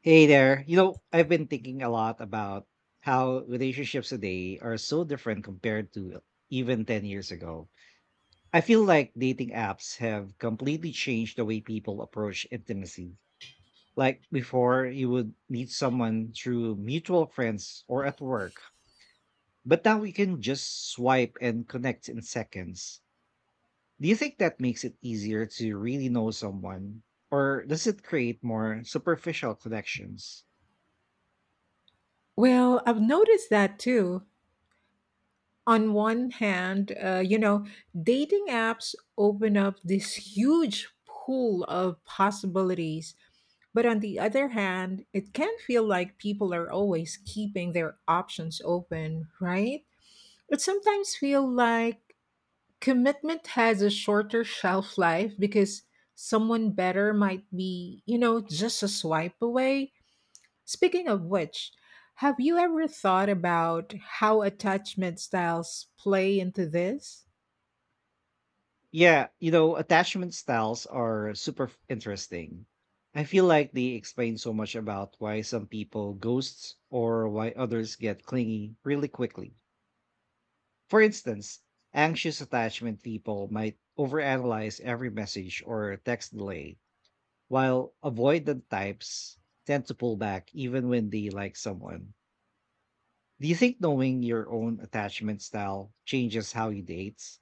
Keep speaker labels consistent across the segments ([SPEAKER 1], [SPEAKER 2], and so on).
[SPEAKER 1] Hey there. You know, I've been thinking a lot about how relationships today are so different compared to even 10 years ago. I feel like dating apps have completely changed the way people approach intimacy. Like before, you would meet someone through mutual friends or at work, but now we can just swipe and connect in seconds. Do you think that makes it easier to really know someone, or does it create more superficial connections?
[SPEAKER 2] Well, I've noticed that too. On one hand, you know, dating apps open up this huge pool of possibilities. But on the other hand, it can feel like people are always keeping their options open, right? It sometimes feels like commitment has a shorter shelf life because someone better might be, you know, just a swipe away. Speaking of which, have you ever thought about how attachment styles play into this?
[SPEAKER 1] Yeah, you know, attachment styles are super interesting. I feel like they explain so much about why some people ghosts or why others get clingy really quickly. For instance, anxious attachment people might overanalyze every message or text delay, while avoidant types tend to pull back even when they like someone. Do you think knowing your own attachment style changes how you date?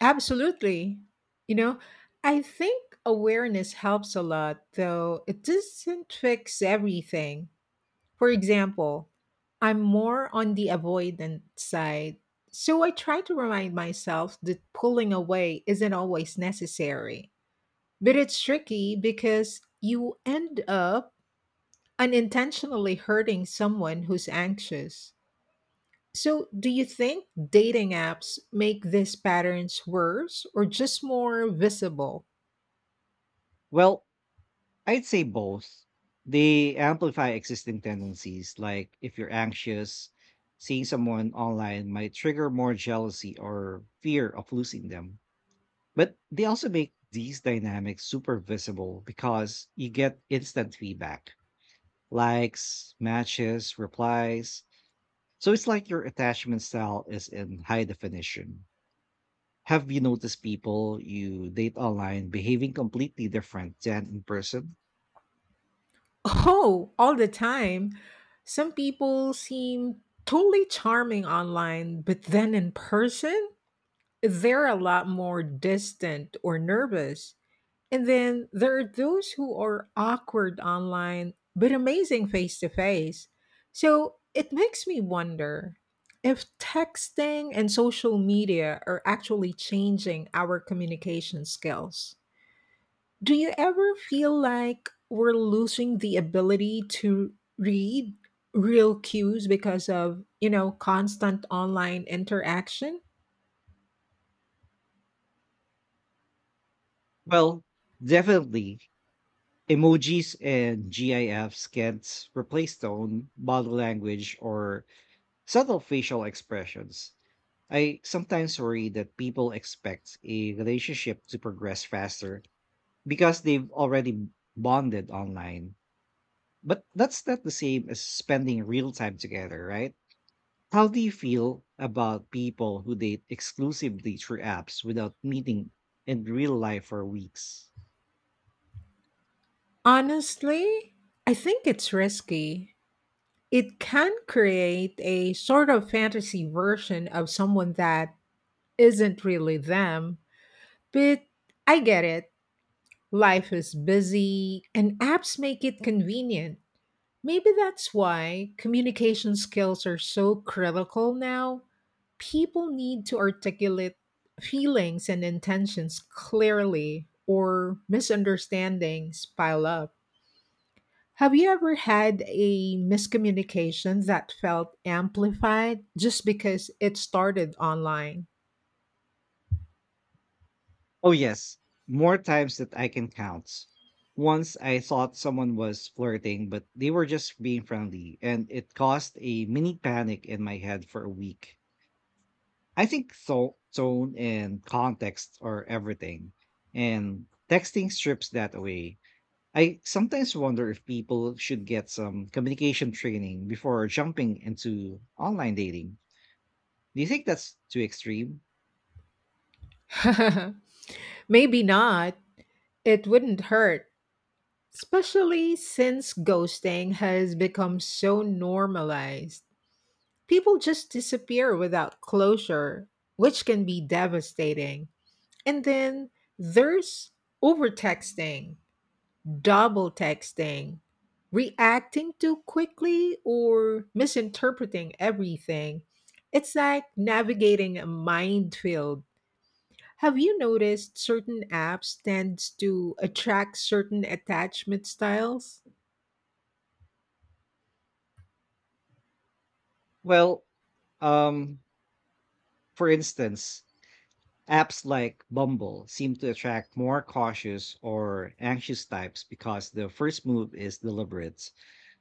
[SPEAKER 2] Absolutely. You know, I think awareness helps a lot, though it doesn't fix everything. For example, I'm more on the avoidant side, so I try to remind myself that pulling away isn't always necessary. But it's tricky because you end up unintentionally hurting someone who's anxious. So, do you think dating apps make these patterns worse or just more visible?
[SPEAKER 1] Well, I'd say both. They amplify existing tendencies, like if you're anxious, seeing someone online might trigger more jealousy or fear of losing them. But they also make these dynamics super visible because you get instant feedback, likes, matches, replies. So it's like your attachment style is in high definition. Have you noticed people you date online behaving completely different than in person?
[SPEAKER 2] Oh, all the time. Some people seem totally charming online, but then in person, they're a lot more distant or nervous. And then there are those who are awkward online but amazing face to face. So it makes me wonder if texting and social media are actually changing our communication skills. Do you ever feel like we're losing the ability to read real cues because of, you know, constant online interaction?
[SPEAKER 1] Well, definitely. Emojis and GIFs can't replace tone, body language, or subtle facial expressions. I sometimes worry that people expect a relationship to progress faster because they've already bonded online. But that's not the same as spending real time together, right? How do you feel about people who date exclusively through apps without meeting in real life for weeks?
[SPEAKER 2] Honestly, I think it's risky. It can create a sort of fantasy version of someone that isn't really them, but I get it. Life is busy and apps make it convenient. Maybe that's why communication skills are so critical now. People need to articulate feelings and intentions clearly, or misunderstandings pile up. Have you ever had a miscommunication that felt amplified just because it started online?
[SPEAKER 1] Oh, yes, more times that I can count. Once I thought someone was flirting, but they were just being friendly, and it caused a mini panic in my head for a week. I think so tone and context are everything. And texting strips that away. I sometimes wonder if people should get some communication training before jumping into online dating. Do you think that's too extreme?
[SPEAKER 2] Maybe not. It wouldn't hurt. Especially since ghosting has become so normalized. People just disappear without closure, which can be devastating. And then there's overtexting, double texting, reacting too quickly, or misinterpreting everything. It's like navigating a minefield. Have you noticed certain apps tends to attract certain attachment styles?
[SPEAKER 1] Well, um, for instance, apps like Bumble seem to attract more cautious or anxious types because the first move is deliberate.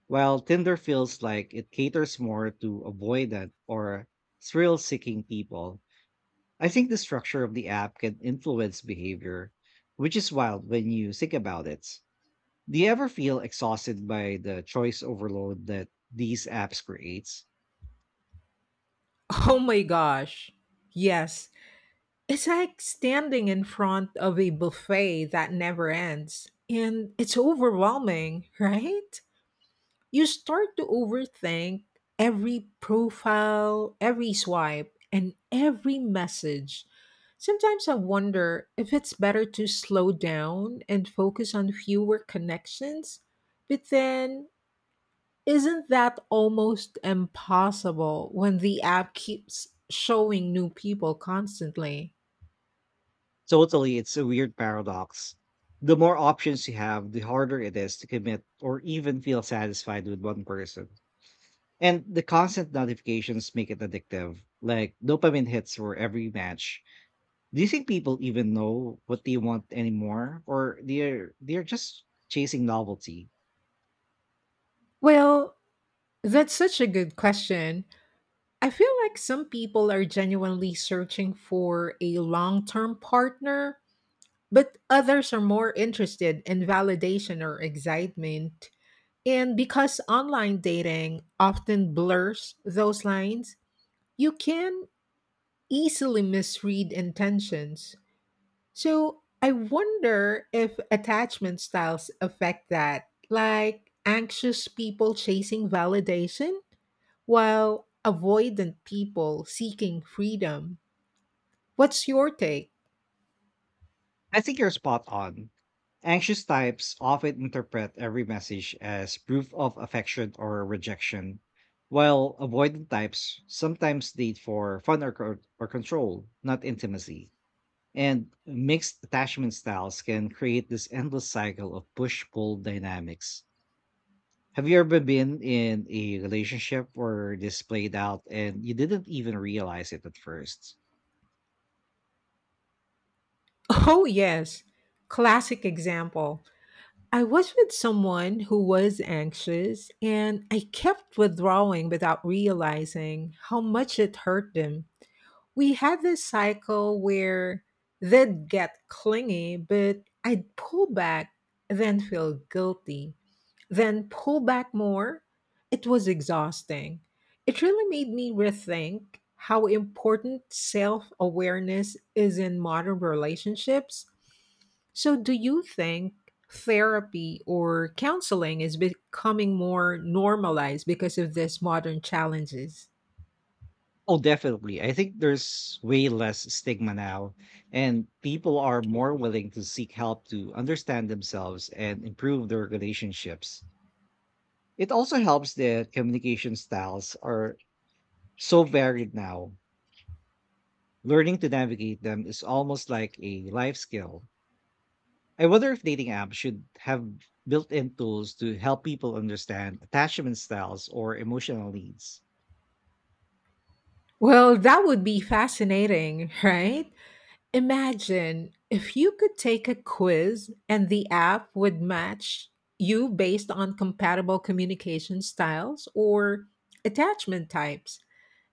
[SPEAKER 1] While Tinder feels like it caters more to avoidant or thrill seeking people, I think the structure of the app can influence behavior, which is wild when you think about it. Do you ever feel exhausted by the choice overload that these apps creates?
[SPEAKER 2] Oh my gosh. Yes. It's like standing in front of a buffet that never ends. And it's overwhelming, right? You start to overthink every profile, every swipe, and every message. Sometimes I wonder if it's better to slow down and focus on fewer connections. But then isn't that almost impossible when the app keeps showing new people constantly?
[SPEAKER 1] Totally, it's a weird paradox. The more options you have, the harder it is to commit or even feel satisfied with one person. And the constant notifications make it addictive, like dopamine hits for every match. Do you think people even know what they want anymore, or they're just chasing novelty?
[SPEAKER 2] Well, that's such a good question. I feel like some people are genuinely searching for a long term partner, but others are more interested in validation or excitement. And because online dating often blurs those lines, you can easily misread intentions. So I wonder if attachment styles affect that, like anxious people chasing validation, while avoidant people seeking freedom. What's your take?
[SPEAKER 1] I think you're spot on. Anxious types often interpret every message as proof of affection or rejection, while avoidant types sometimes date for fun or, or control, not intimacy. And mixed attachment styles can create this endless cycle of push pull dynamics. Have you ever been in a relationship where this played out and you didn't even realize it at first?
[SPEAKER 2] Oh, yes. Classic example. I was with someone who was anxious, and I kept withdrawing without realizing how much it hurt them. We had this cycle where they'd get clingy, but I'd pull back, then feel guilty, then pull back more. It was exhausting. It really made me rethink how important self awareness is in modern relationships. So, do you think therapy or counseling is becoming more normalized because of these modern challenges?
[SPEAKER 1] Oh, definitely. I think there's way less stigma now, and people are more willing to seek help to understand themselves and improve their relationships. It also helps that communication styles are so varied now. Learning to navigate them is almost like a life skill. I wonder if dating apps should have built-in tools to help people understand attachment styles or emotional needs.
[SPEAKER 2] Well, that would be fascinating, right? Imagine if you could take a quiz and the app would match you based on compatible communication styles or attachment types.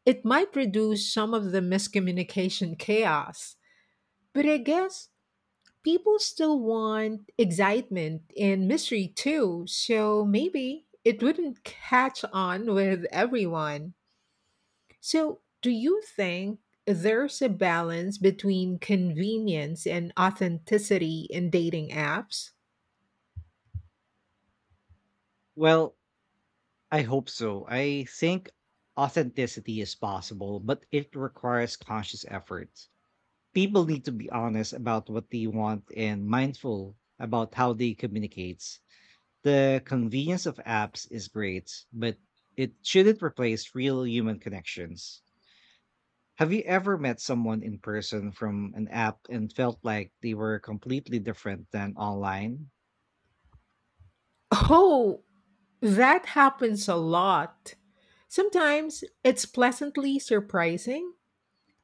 [SPEAKER 2] It might reduce some of the miscommunication chaos, but I guess people still want excitement and mystery too, so maybe it wouldn't catch on with everyone. So, do you think there's a balance between convenience and authenticity in dating apps?
[SPEAKER 1] Well, I hope so. I think authenticity is possible, but it requires conscious effort. People need to be honest about what they want and mindful about how they communicate. The convenience of apps is great, but it shouldn't replace real human connections. Have you ever met someone in person from an app and felt like they were completely different than online?
[SPEAKER 2] Oh, that happens a lot. Sometimes it's pleasantly surprising,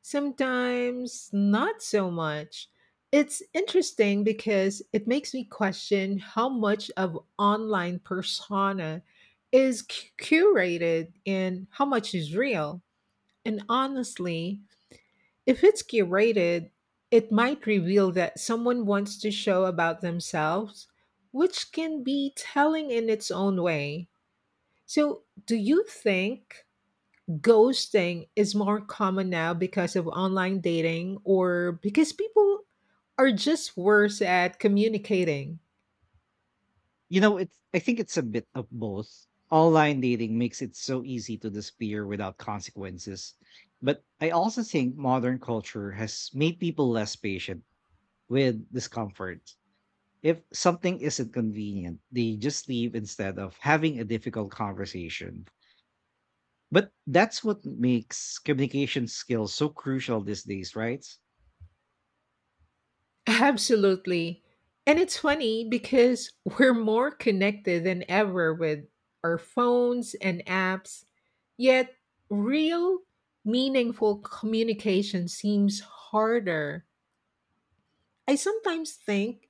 [SPEAKER 2] sometimes not so much. It's interesting because it makes me question how much of online persona is curated and how much is real. And honestly, if it's curated, it might reveal that someone wants to show about themselves, which can be telling in its own way. So, do you think ghosting is more common now because of online dating or because people are just worse at communicating?
[SPEAKER 1] You know, it's I think it's a bit of both. Online dating makes it so easy to disappear without consequences. But I also think modern culture has made people less patient with discomfort. If something isn't convenient, they just leave instead of having a difficult conversation. But that's what makes communication skills so crucial these days, right?
[SPEAKER 2] Absolutely. And it's funny because we're more connected than ever with our phones and apps, yet real, meaningful communication seems harder. I sometimes think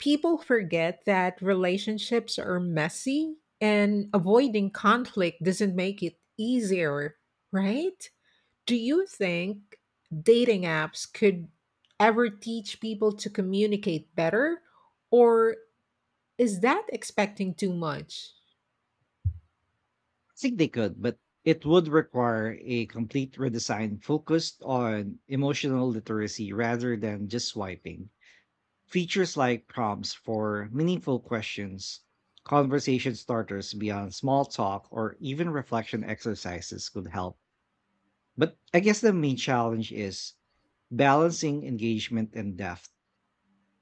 [SPEAKER 2] people forget that relationships are messy and avoiding conflict doesn't make it easier, right? Do you think dating apps could ever teach people to communicate better? Or is that expecting too much?
[SPEAKER 1] I think they could, but it would require a complete redesign focused on emotional literacy rather than just swiping. Features like prompts for meaningful questions, conversation starters beyond small talk, or even reflection exercises could help. But I guess the main challenge is balancing engagement and depth.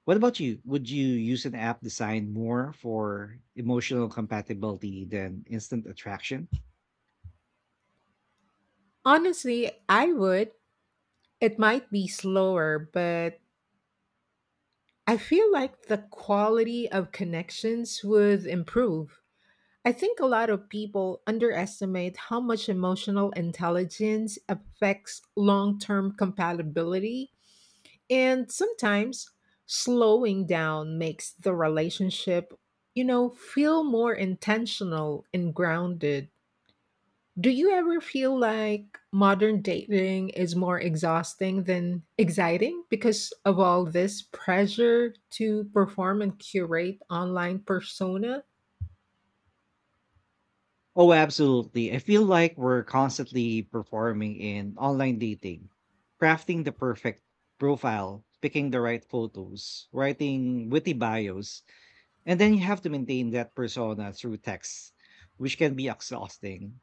[SPEAKER 1] What about you? Would you use an app designed more for emotional compatibility than instant attraction?
[SPEAKER 2] Honestly, I would. It might be slower, but I feel like the quality of connections would improve. I think a lot of people underestimate how much emotional intelligence affects long term compatibility. And sometimes slowing down makes the relationship, you know, feel more intentional and grounded. Do you ever feel like modern dating is more exhausting than exciting because of all this pressure to perform and curate online persona?
[SPEAKER 1] Oh, absolutely. I feel like we're constantly performing in online dating, crafting the perfect profile, picking the right photos, writing witty bios, and then you have to maintain that persona through text, which can be exhausting.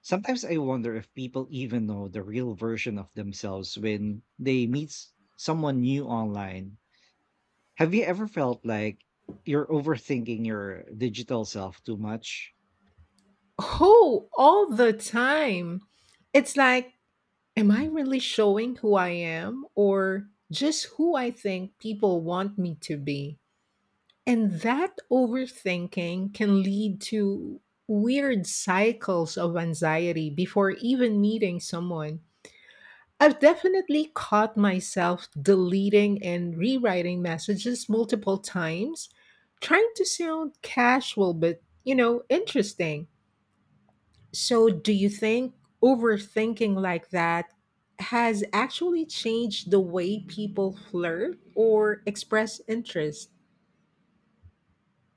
[SPEAKER 1] Sometimes I wonder if people even know the real version of themselves when they meet someone new online. Have you ever felt like you're overthinking your digital self too much?
[SPEAKER 2] Oh, all the time. It's like, am I really showing who I am or just who I think people want me to be? And that overthinking can lead to weird cycles of anxiety before even meeting someone. I've definitely caught myself deleting and rewriting messages multiple times, trying to sound casual but, you know, interesting. So, do you think overthinking like that has actually changed the way people flirt or express interest?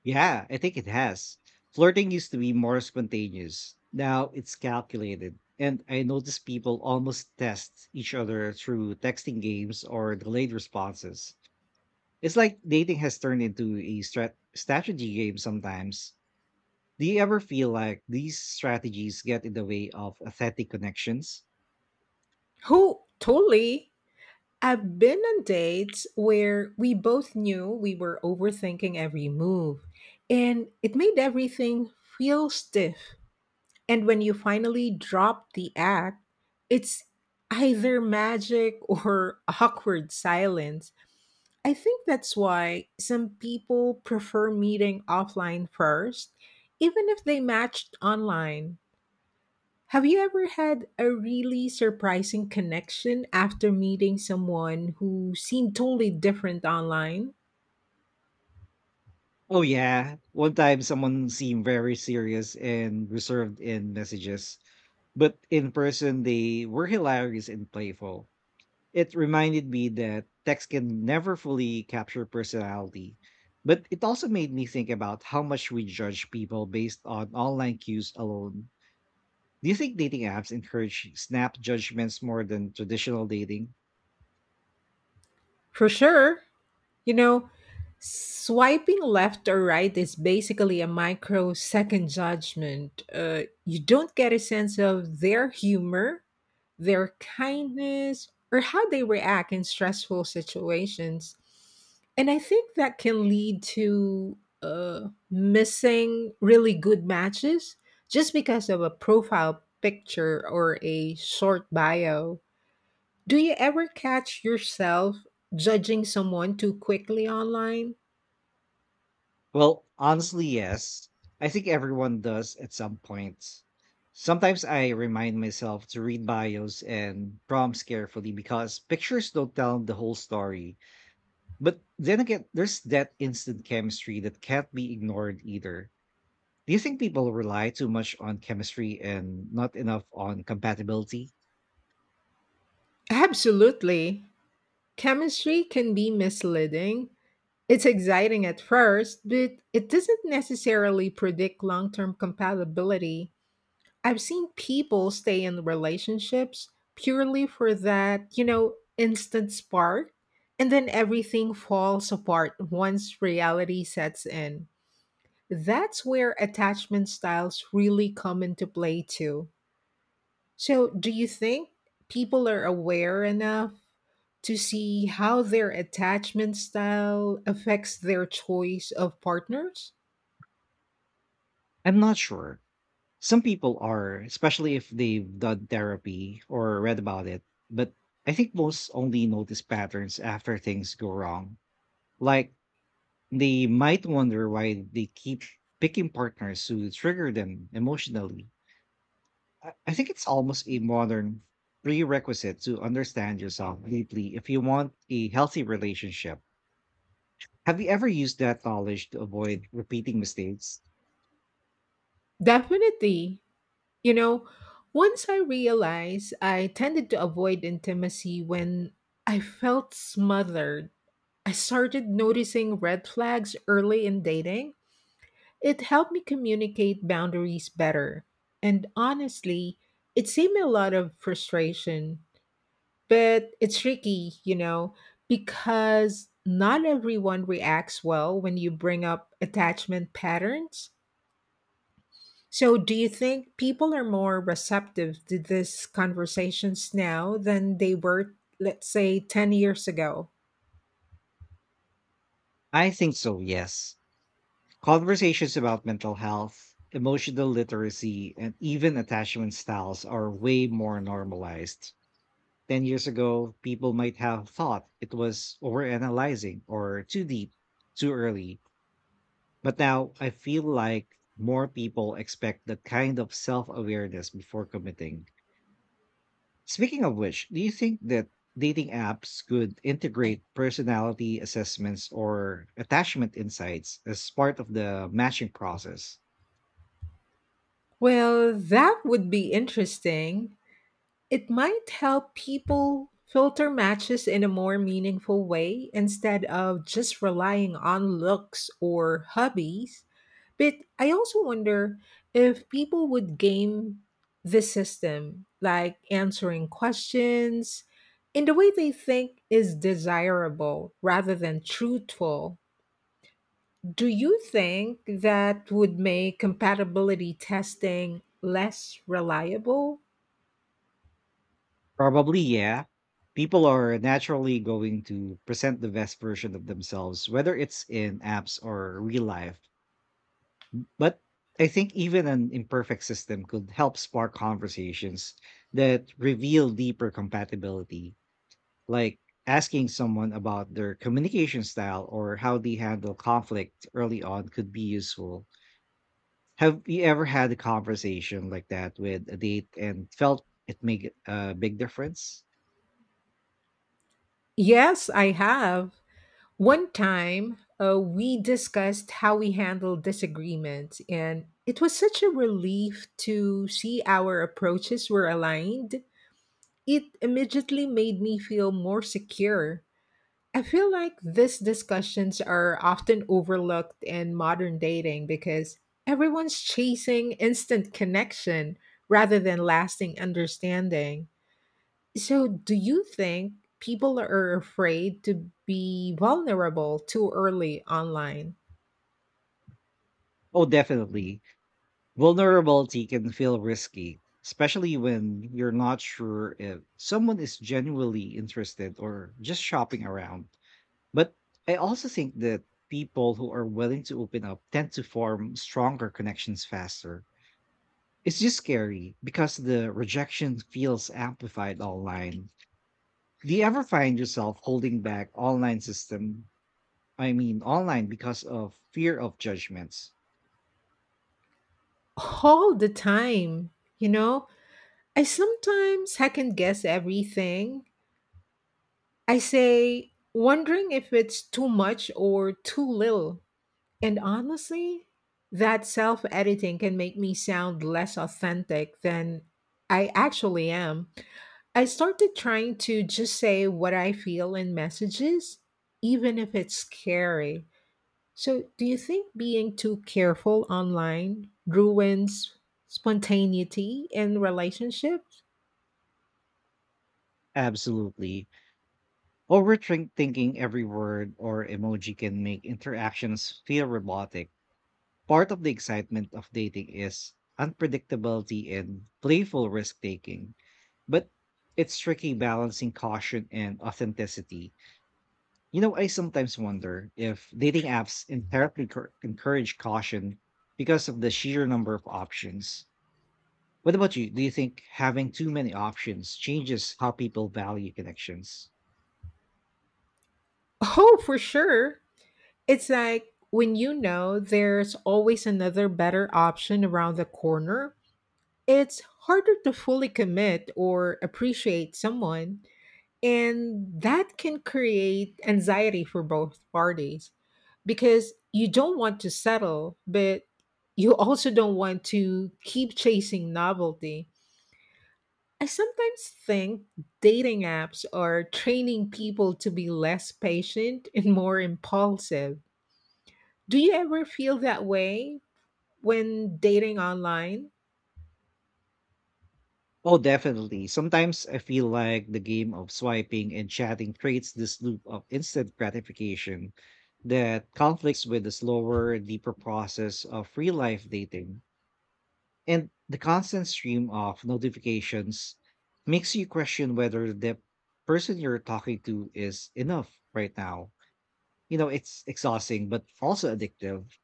[SPEAKER 1] Yeah, I think it has. Flirting used to be more spontaneous. Now it's calculated. And I notice people almost test each other through texting games or delayed responses. It's like dating has turned into a strategy game sometimes. Do you ever feel like these strategies get in the way of authentic connections?
[SPEAKER 2] Who totally? I've been on dates where we both knew we were overthinking every move, and it made everything feel stiff. And when you finally drop the act, it's either magic or awkward silence. I think that's why some people prefer meeting offline first, even if they matched online. Have you ever had a really surprising connection after meeting someone who seemed totally different online?
[SPEAKER 1] Oh yeah, one time someone seemed very serious and reserved in messages, but in person they were hilarious and playful. It reminded me that text can never fully capture personality, but it also made me think about how much we judge people based on online cues alone. Do you think dating apps encourage snap judgments more than traditional dating?
[SPEAKER 2] For sure. You know, swiping left or right is basically a microsecond judgment. You don't get a sense of their humor, their kindness, or how they react in stressful situations. And I think that can lead to missing really good matches just because of a profile picture or a short bio. Do you ever catch yourself judging someone too quickly online?
[SPEAKER 1] Well, honestly, yes. I think everyone does at some point. Sometimes I remind myself to read bios and prompts carefully because pictures don't tell the whole story. But then again, there's that instant chemistry that can't be ignored either. Do you think people rely too much on chemistry and not enough on compatibility?
[SPEAKER 2] Absolutely. Chemistry can be misleading. It's exciting at first, but it doesn't necessarily predict long term compatibility. I've seen people stay in relationships purely for that, you know, instant spark, and then everything falls apart once reality sets in. That's where attachment styles really come into play, too. So, do you think people are aware enough to see how their attachment style affects their choice of partners?
[SPEAKER 1] I'm not sure. Some people are, especially if they've done therapy or read about it, but I think most only notice patterns after things go wrong. Like they might wonder why they keep picking partners who trigger them emotionally. I think it's almost a modern prerequisite to understand yourself deeply if you want a healthy relationship. Have you ever used that knowledge to avoid repeating mistakes?
[SPEAKER 2] Definitely. You know, once I realized I tended to avoid intimacy when I felt smothered, I started noticing red flags early in dating. It helped me communicate boundaries better. And honestly, it saved me a lot of frustration. But it's tricky, you know, because not everyone reacts well when you bring up attachment patterns. So, do you think people are more receptive to these conversations now than they were, let's say, 10 years ago?
[SPEAKER 1] I think so, yes. Conversations about mental health, emotional literacy, and even attachment styles are way more normalized. 10 years ago, people might have thought it was overanalyzing or too deep, too early. But now I feel like more people expect that kind of self awareness before committing. Speaking of which, do you think that dating apps could integrate personality assessments or attachment insights as part of the matching process?
[SPEAKER 2] Well, that would be interesting. It might help people filter matches in a more meaningful way instead of just relying on looks or hobbies. But I also wonder if people would game the system, like answering questions in the way they think is desirable rather than truthful. Do you think that would make compatibility testing less reliable?
[SPEAKER 1] Probably, yeah. People are naturally going to present the best version of themselves, whether it's in apps or real life. But I think even an imperfect system could help spark conversations that reveal deeper compatibility, like asking someone about their communication style or how they handle conflict early on could be useful. Have you ever had a conversation like that with a date and felt it made a big difference?
[SPEAKER 2] Yes, I have. One time, we discussed how we handle disagreements, and it was such a relief to see our approaches were aligned. It immediately made me feel more secure. I feel like these discussions are often overlooked in modern dating because everyone's chasing instant connection rather than lasting understanding. So, do you think people are afraid to be vulnerable too early online?
[SPEAKER 1] Oh, definitely. Vulnerability can feel risky, especially when you're not sure if someone is genuinely interested or just shopping around. But I also think that people who are willing to open up tend to form stronger connections faster. It's just scary because the rejection feels amplified online. Do you ever find yourself holding back online system? I mean, online because of fear of judgments?
[SPEAKER 2] All the time, you know? I sometimes second guess everything I say, wondering if it's too much or too little. And honestly, that self editing can make me sound less authentic than I actually am. I started trying to just say what I feel in messages, even if it's scary. So, do you think being too careful online ruins spontaneity in relationships?
[SPEAKER 1] Absolutely. Overthinking every word or emoji can make interactions feel robotic. Part of the excitement of dating is unpredictability and playful risk taking, but it's tricky balancing caution and authenticity. You know, I sometimes wonder if dating apps inherently encourage caution because of the sheer number of options. What about you? Do you think having too many options changes how people value connections?
[SPEAKER 2] Oh, for sure. It's like when you know there's always another better option around the corner, it's harder to fully commit or appreciate someone. And that can create anxiety for both parties because you don't want to settle, but you also don't want to keep chasing novelty. I sometimes think dating apps are training people to be less patient and more impulsive. Do you ever feel that way when dating online?
[SPEAKER 1] Oh, definitely. Sometimes I feel like the game of swiping and chatting creates this loop of instant gratification that conflicts with the slower, deeper process of real life dating. And the constant stream of notifications makes you question whether the person you're talking to is enough right now. You know, it's exhausting, but also addictive.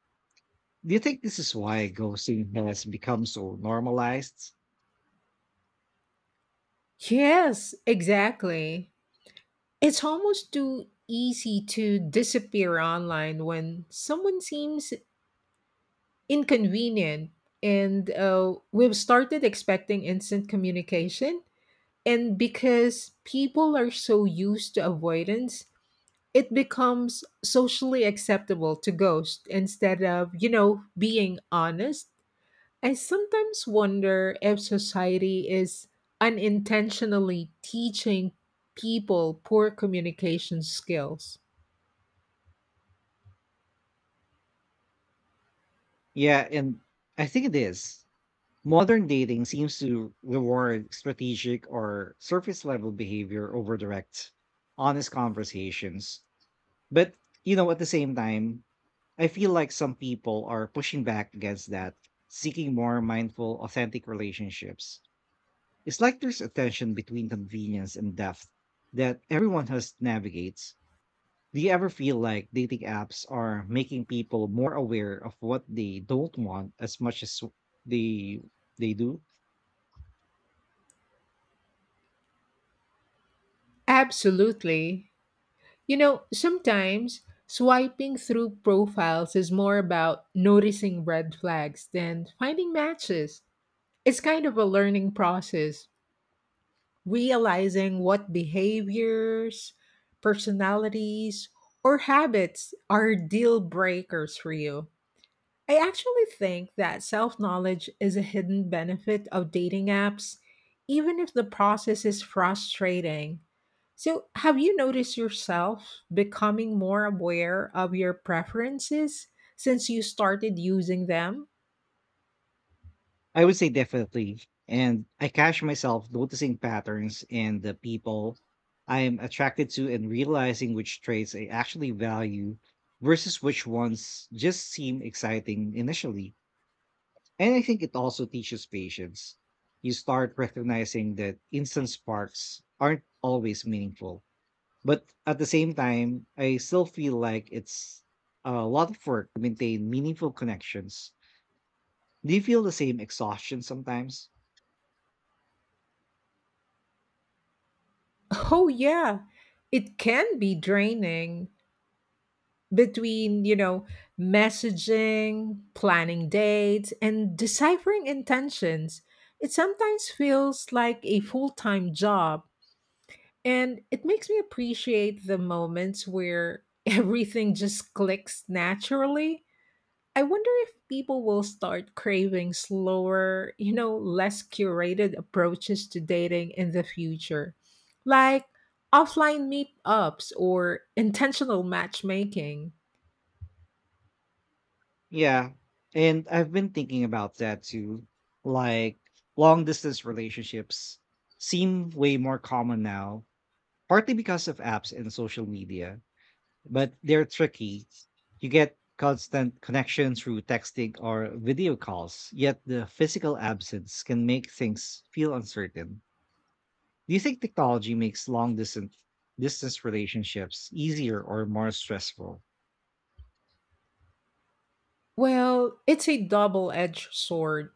[SPEAKER 1] Do you think this is why ghosting has become so normalized?
[SPEAKER 2] Yes, exactly. It's almost too easy to disappear online when someone seems inconvenient. And we've started expecting instant communication. And because people are so used to avoidance, it becomes socially acceptable to ghost instead of, you know, being honest. I sometimes wonder if society is unintentionally teaching people poor communication skills.
[SPEAKER 1] Yeah, and I think it is. Modern dating seems to reward strategic or surface level behavior over direct, honest conversations. But, you know, at the same time, I feel like some people are pushing back against that, seeking more mindful, authentic relationships. It's like there's a tension between convenience and depth that everyone has navigates. Do you ever feel like dating apps are making people more aware of what they don't want as much as they they do?
[SPEAKER 2] Absolutely. You know, sometimes swiping through profiles is more about noticing red flags than finding matches. It's kind of a learning process, realizing what behaviors, personalities, or habits are deal breakers for you. I actually think that self knowledge is a hidden benefit of dating apps, even if the process is frustrating. So, have you noticed yourself becoming more aware of your preferences since you started using them?
[SPEAKER 1] I would say definitely. And I catch myself noticing patterns in the people I'm attracted to and realizing which traits I actually value versus which ones just seem exciting initially. And I think it also teaches patience. You start recognizing that instant sparks aren't always meaningful. But at the same time, I still feel like it's a lot of work to maintain meaningful connections. Do you feel the same exhaustion sometimes?
[SPEAKER 2] Oh, yeah, it can be draining between, you know, messaging, planning dates, and deciphering intentions. It sometimes feels like a full time job. And it makes me appreciate the moments where everything just clicks naturally. I wonder if people will start craving slower, you know, less curated approaches to dating in the future, like offline meetups or intentional matchmaking.
[SPEAKER 1] Yeah. And I've been thinking about that too. Like long distance relationships seem way more common now, partly because of apps and social media, but they're tricky. You get constant connection through texting or video calls, yet the physical absence can make things feel uncertain. Do you think technology makes long distance relationships easier or more stressful?
[SPEAKER 2] Well, it's a double edged sword.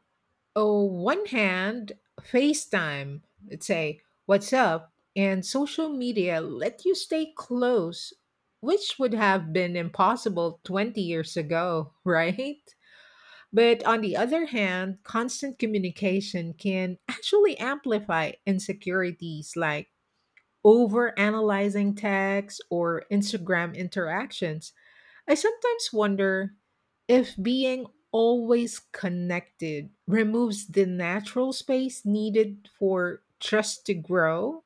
[SPEAKER 2] Oh, one hand, FaceTime, let's say, what's up, and social media let you stay close, which would have been impossible 20 years ago, right? But on the other hand, constant communication can actually amplify insecurities like overanalyzing texts or Instagram interactions. I sometimes wonder if being always connected removes the natural space needed for trust to grow.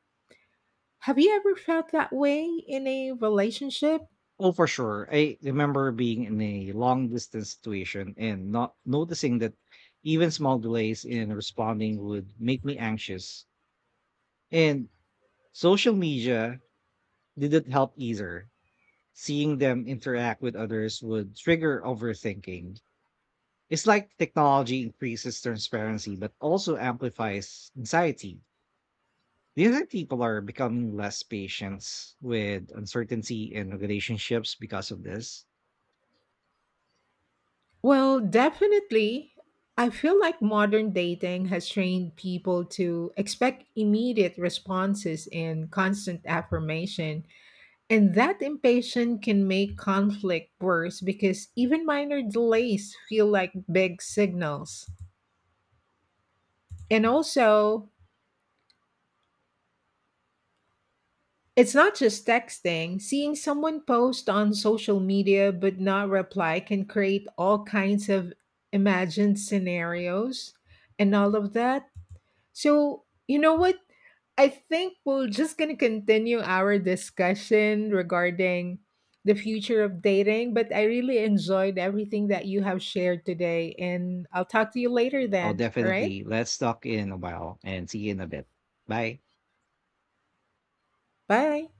[SPEAKER 2] Have you ever felt that way in a relationship?
[SPEAKER 1] Oh, for sure. I remember being in a long distance situation and not noticing that even small delays in responding would make me anxious. And social media didn't help either. Seeing them interact with others would trigger overthinking. It's like technology increases transparency, but also amplifies anxiety. Do you think people are becoming less patient with uncertainty in relationships because of this?
[SPEAKER 2] Well, definitely. I feel like modern dating has trained people to expect immediate responses and constant affirmation. And that impatience can make conflict worse because even minor delays feel like big signals. And also, it's not just texting. Seeing someone post on social media but not reply can create all kinds of imagined scenarios and all of that. So, you know what? I think we're just going to continue our discussion regarding the future of dating, but I really enjoyed everything that you have shared today. And I'll talk to you later
[SPEAKER 1] Oh,
[SPEAKER 2] then. All right.
[SPEAKER 1] definitely. Let's talk in a while and see you in a bit. Bye.
[SPEAKER 2] Bye.